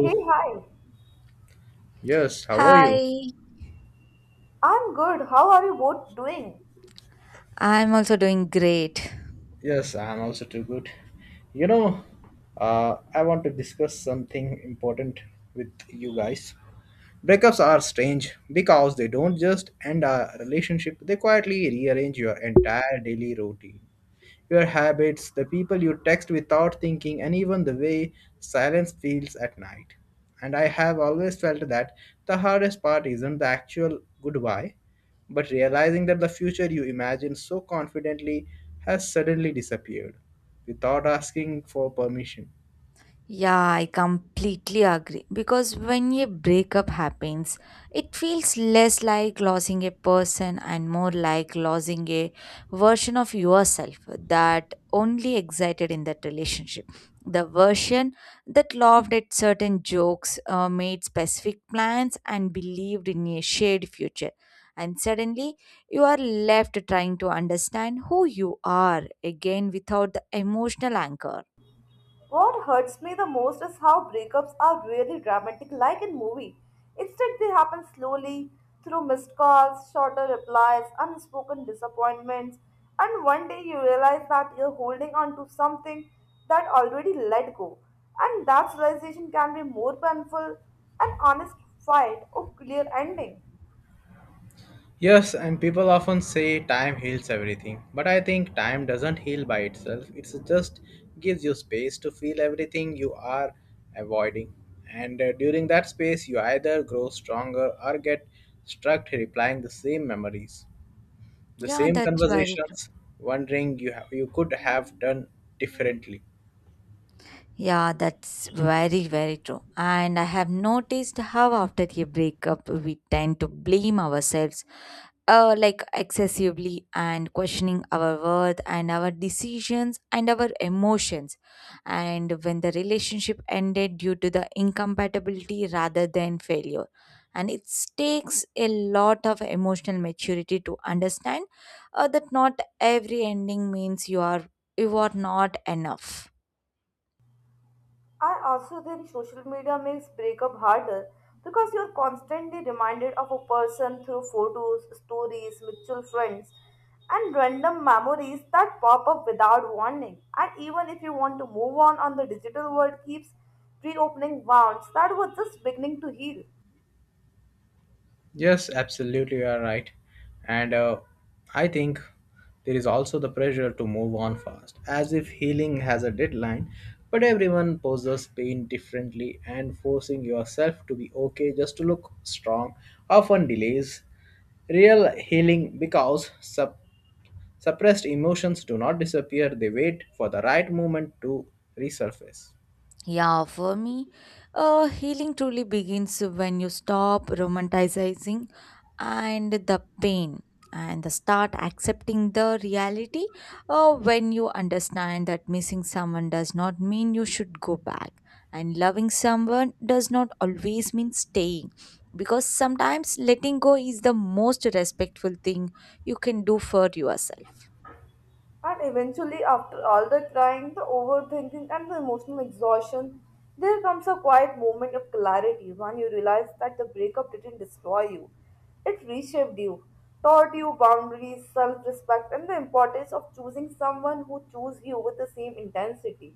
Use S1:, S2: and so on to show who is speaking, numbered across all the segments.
S1: Hey, hi.
S2: Yes, how are you?
S3: Hi,
S1: I'm good. How are you both doing?
S3: I'm also doing great.
S2: Yes, I'm also too good. You know, I want to discuss something important with you guys. Breakups are strange because they don't just end a relationship, they quietly rearrange your entire daily routine. Your habits, the people you text without thinking, and even the way silence feels at night. And I have always felt that the hardest part isn't the actual goodbye, but realizing that the future you imagined so confidently has suddenly disappeared without asking for permission.
S3: Yeah, I completely agree. Because when a breakup happens, it feels less like losing a person and more like losing a version of yourself that only existed in that relationship. The version that laughed at certain jokes, made specific plans, and believed in a shared future. And suddenly, you are left trying to understand who you are again without the emotional anchor.
S1: What hurts me the most is how breakups are really dramatic, like in movie. Instead, they happen slowly through missed calls, shorter replies, unspoken disappointments, and one day you realize that you're holding on to something that already let go. And that realization can be more painful an honest fight or clear ending.
S2: Yes, and people often say time heals everything, but I think time doesn't heal by itself. It just gives you space to feel everything you are avoiding. And during that space, you either grow stronger or get stuck replying the same memories, the
S3: Yeah,
S2: same
S3: that's very true.
S2: conversations, wondering you, you could have done differently.
S3: Yeah, that's very, very true. And I have noticed how after a breakup, we tend to blame ourselves, like excessively, and questioning our worth and our decisions and our emotions. And when the relationship ended due to the incompatibility rather than failure. And it takes a lot of emotional maturity to understand that not every ending means you are not enough.
S1: I also think social media makes breakup harder because you're constantly reminded of a person through photos, stories, mutual friends, and random memories that pop up without warning. And even if you want to move on, the digital world keeps reopening wounds that were just beginning to heal.
S2: Yes, absolutely, you are right. And I think there is also the pressure to move on fast, as if healing has a deadline, but everyone poses pain differently, and forcing yourself to be okay just to look strong often delays real healing because suppressed emotions do not disappear, they wait for the right moment to resurface.
S3: Yeah, for me, healing truly begins when you stop romanticizing and the pain and the start accepting the reality when you understand that missing someone does not mean you should go back and loving someone does not always mean staying, because sometimes letting go is the most respectful thing you can do for yourself.
S1: And eventually, after all the crying, the overthinking, and the emotional exhaustion, there comes a quiet moment of clarity when you realize that the breakup didn't destroy you. It reshaped you, taught you boundaries, self respect, and the importance of choosing someone who chooses you with the same intensity.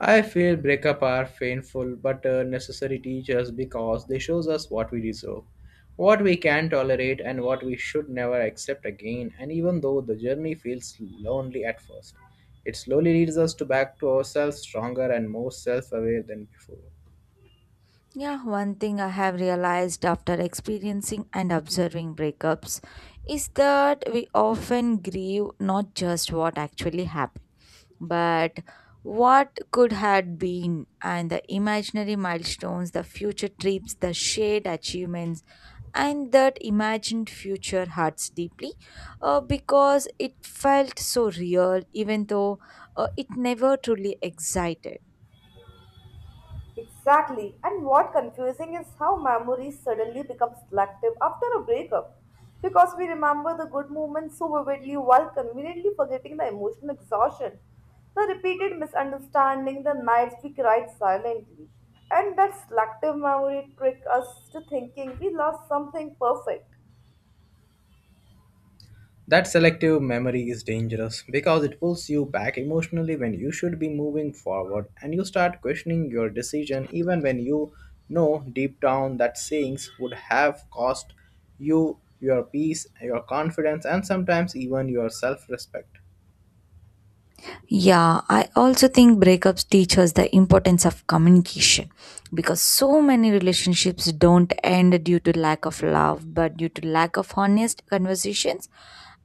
S2: I feel breakup are painful but necessary teachers because they shows us what we deserve, what we can tolerate, and what we should never accept again. And even though the journey feels lonely at first, it slowly leads us to back to ourselves stronger and more self-aware than before.
S3: Yeah, one thing I have realized after experiencing and observing breakups is that we often grieve not just what actually happened, but what could had been, and the imaginary milestones, the future trips, the shared achievements, and that imagined future hurts deeply because it felt so real, even though it never truly existed.
S1: Exactly. And what confusing is how memories suddenly become selective after a breakup. Because we remember the good moments so vividly while conveniently forgetting the emotional exhaustion, the repeated misunderstanding, the nights we cried silently. And that selective memory trick us to thinking we lost something perfect.
S2: That selective memory is dangerous because it pulls you back emotionally when you should be moving forward and you start questioning your decision even when you know deep down that sayings would have cost you your peace, your confidence, and sometimes even your self respect.
S3: Yeah, I also think breakups teach us the importance of communication, because so many relationships don't end due to lack of love, but due to lack of honest conversations,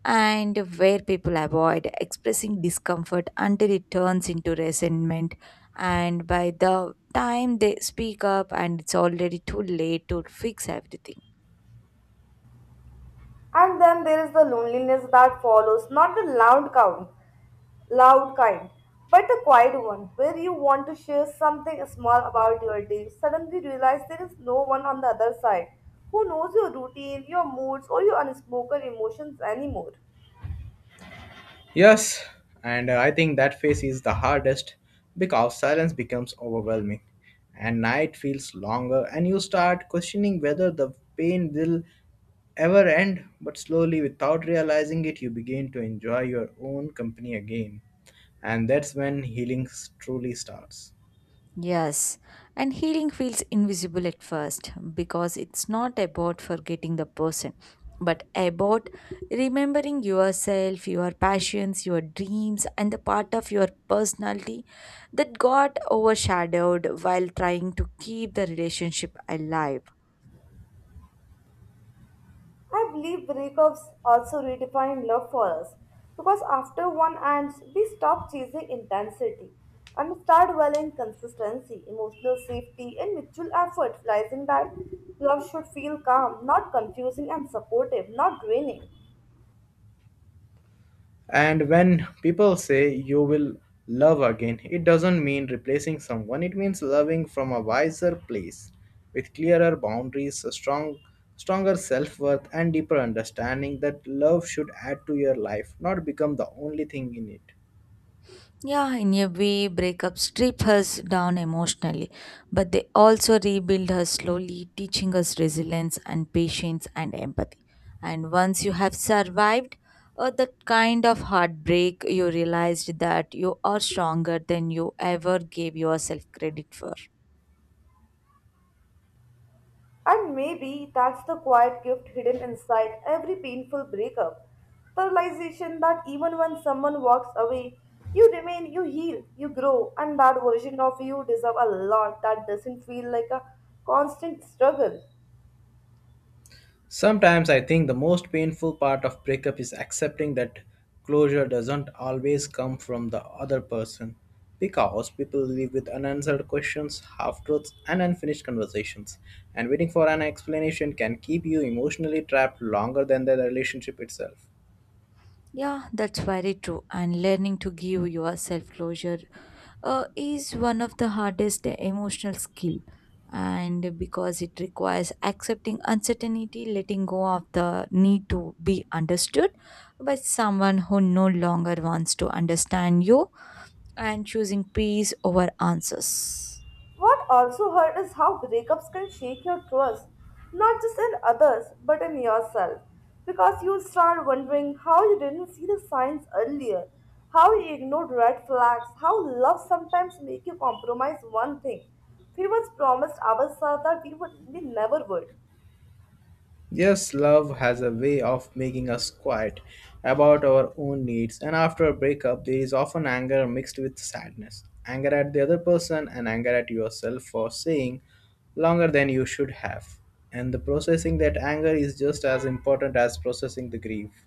S3: and where people avoid expressing discomfort until it turns into resentment. And by the time they speak up, and it's already too late to fix everything.
S1: And then there is the loneliness that follows, not the loud count, loud kind, but the quiet one, where you want to share something small about your day, suddenly realize there is no one on the other side who knows your routine, your moods, or your unspoken emotions anymore.
S2: Yes, and I think that phase is the hardest because silence becomes overwhelming and night feels longer and you start questioning whether the pain will ever end, but slowly without realizing it you begin to enjoy your own company again. And that's when healing truly starts.
S3: Yes, and healing feels invisible at first because it's not about forgetting the person, but about remembering yourself, your passions, your dreams, and the part of your personality that got overshadowed while trying to keep the relationship alive.
S1: I believe breakups also redefine love for us because after one ends, we stop chasing intensity and start valuing consistency, emotional safety, and mutual effort, realizing that love should feel calm, not confusing, and supportive, not draining.
S2: And when people say you will love again, it doesn't mean replacing someone, it means loving from a wiser place with clearer boundaries, a stronger self-worth and deeper understanding that love should add to your life, not become the only thing in it.
S3: Yeah, in a way, breakups strip us down emotionally, but they also rebuild us slowly, teaching us resilience and patience and empathy. And once you have survived that kind of heartbreak, you realized that you are stronger than you ever gave yourself credit for.
S1: And maybe that's the quiet gift hidden inside every painful breakup. The realization that even when someone walks away, you remain, you heal, you grow, and that version of you deserves a lot that doesn't feel like a constant struggle.
S2: Sometimes I think the most painful part of breakup is accepting that closure doesn't always come from the other person because people live with unanswered questions, half truths, and unfinished conversations. And waiting for an explanation can keep you emotionally trapped longer than the relationship itself.
S3: Yeah, that's very true. And learning to give yourself closure is one of the hardest emotional skill, and because it requires accepting uncertainty, letting go of the need to be understood by someone who no longer wants to understand you, and choosing peace over answers.
S1: What also hurt is how breakups can shake your trust, not just in others, but in yourself. Because you start wondering how you didn't see the signs earlier, how you ignored red flags, how love sometimes make you compromise one thing. We once promised ourselves that we never would.
S2: Yes, love has a way of making us quiet about our own needs, and after a breakup, there is often anger mixed with sadness. Anger at the other person and anger at yourself for staying longer than you should have. And the processing that anger is just as important as processing the grief.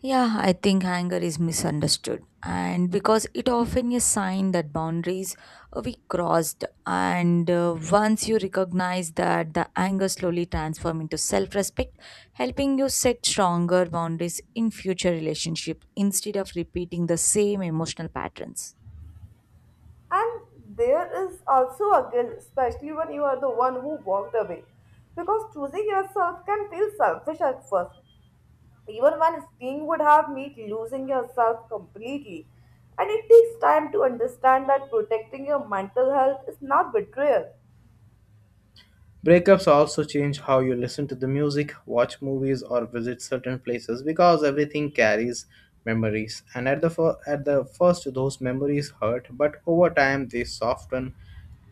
S3: Yeah, I think anger is misunderstood, and because it often is sign that boundaries we crossed, and once you recognize that, the anger slowly transform into self-respect, helping you set stronger boundaries in future relationship instead of repeating the same emotional patterns.
S1: And there is also a guilt, especially when you are the one who walked away. Because choosing yourself can feel selfish at first, even one skiing would have meant losing yourself completely. And it takes time to understand that protecting your mental health is not betrayal.
S2: Breakups also change how you listen to the music, watch movies, or visit certain places because everything carries memories. And at the first, those memories hurt, but over time they soften,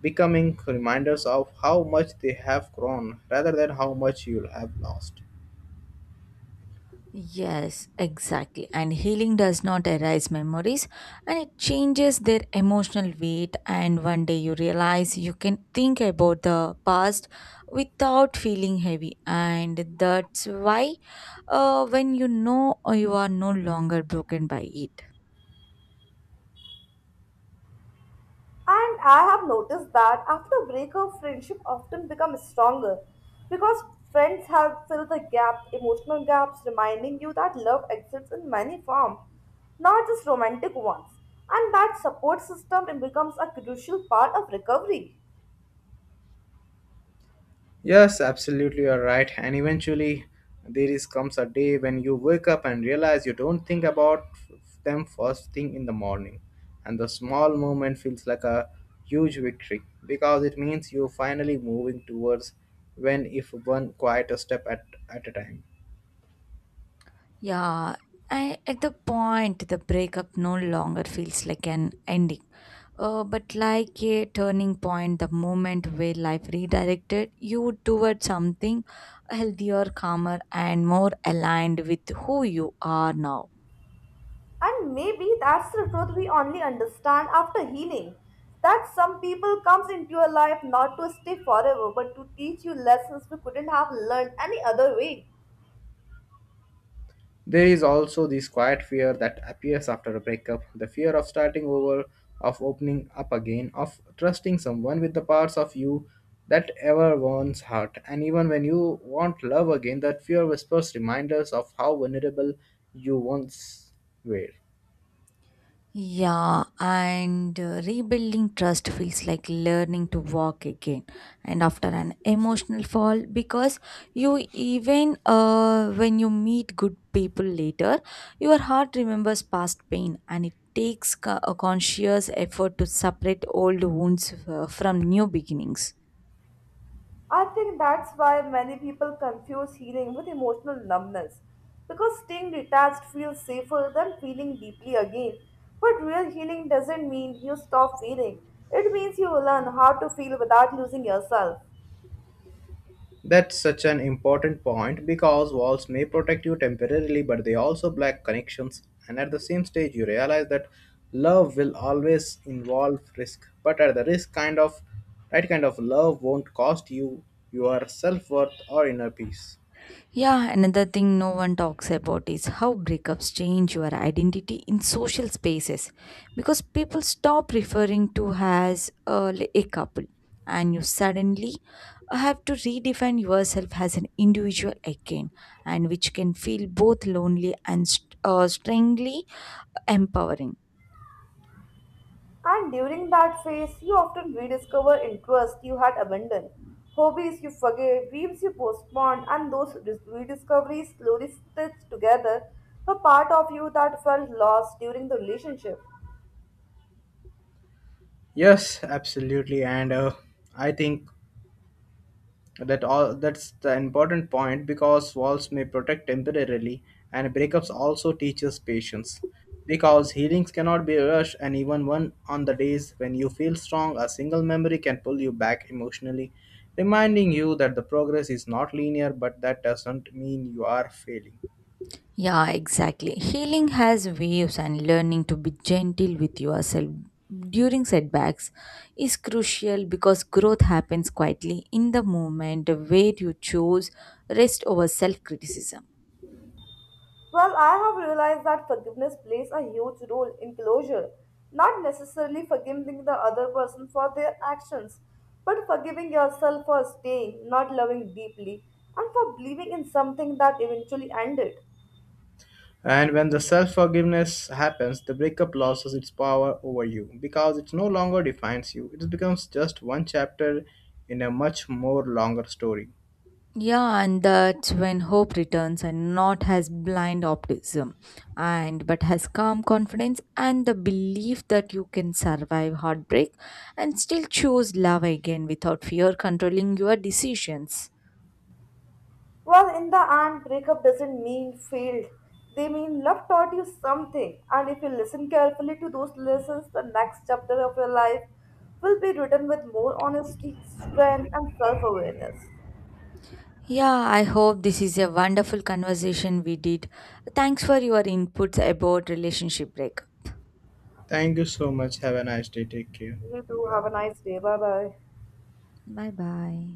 S2: becoming reminders of how much they have grown rather than how much you'll have lost.
S3: Yes, exactly. And healing does not erase memories, and it changes their emotional weight. And one day you realize you can think about the past without feeling heavy. And that's why when you know you are no longer broken by it.
S1: And I have noticed that after a breakup, friendship often becomes stronger because friends help fill the gap, emotional gaps, reminding you that love exists in many forms, not just romantic ones. And that support system becomes a crucial part of recovery.
S2: Yes, absolutely, you're right. And eventually, there is comes a day when you wake up and realize you don't think about them first thing in the morning, and the small moment feels like a huge victory because it means you're finally moving towards when if one quiet step at a time.
S3: Yeah, I, at the point, the breakup no longer feels like an ending, but like a turning point, the moment where life redirected you toward something healthier, calmer, and more aligned with who you are now.
S1: And maybe that's the truth we only understand after healing. That some people comes into your life not to stay forever, but to teach you lessons we couldn't have learned any other way.
S2: There is also this quiet fear that appears after a breakup the fear of starting over, of opening up again, of trusting someone with the parts of you that ever once hurt. And even when you want love again, that fear whispers reminders of how vulnerable you once were.
S3: Yeah, and rebuilding trust feels like learning to walk again and after an emotional fall, because you even when you meet good people later, your heart remembers past pain, and it takes a conscious effort to separate old wounds from new beginnings.
S1: I think that's why many people confuse healing with emotional numbness. Because staying detached feels safer than feeling deeply again. But real healing doesn't mean you stop feeling. It means you learn how to feel without losing yourself.
S2: That's such an important point because walls may protect you temporarily, but they also block connections. And at the same stage, you realize that love will always involve risk, but at the risk kind of right kind of love won't cost you your self worth or inner peace.
S3: Yeah, another thing no one talks about is how breakups change your identity in social spaces, because people stop referring to as a couple, and you suddenly have to redefine yourself as an individual again, and which can feel both lonely and strangely empowering.
S1: And during that phase, you often rediscover interests you had abandoned, hobbies you forget, dreams you postponed, and those rediscoveries slowly stitch together a part of you that felt lost during the relationship.
S2: Yes, absolutely, and I think that all that's the important point because walls may protect temporarily, and breakups also teaches patience. Because healings cannot be rushed, and even one on the days when you feel strong, a single memory can pull you back emotionally, reminding you that the progress is not linear, but that doesn't mean you are failing.
S3: Yeah, exactly. Healing has waves, and learning to be gentle with yourself during setbacks is crucial, because growth happens quietly in the moment where you choose rest over self criticism.
S1: Well, I have realized that forgiveness plays a huge role in closure, not necessarily forgiving the other person for their actions, but forgiving yourself for staying, not loving deeply, and for believing in something that eventually ended.
S2: And when the self forgiveness happens, the breakup loses its power over you because it no longer defines you. It becomes just one chapter in a much more longer story.
S3: Yeah, and that's when hope returns, and not has blind optimism, and but has calm confidence, and the belief that you can survive heartbreak and still choose love again without fear controlling your decisions.
S1: Well, in the end, breakup doesn't mean failed. They mean love taught you something, and if you listen carefully to those lessons, the next chapter of your life will be written with more honesty, strength, and self awareness.
S3: Yeah, I hope this is a wonderful conversation we did. Thanks for your inputs about relationship break.
S2: Thank you so much. Have a nice day. Take care.
S1: You too, have
S2: Goodbye.
S1: a nice day. Bye bye.
S3: Bye bye.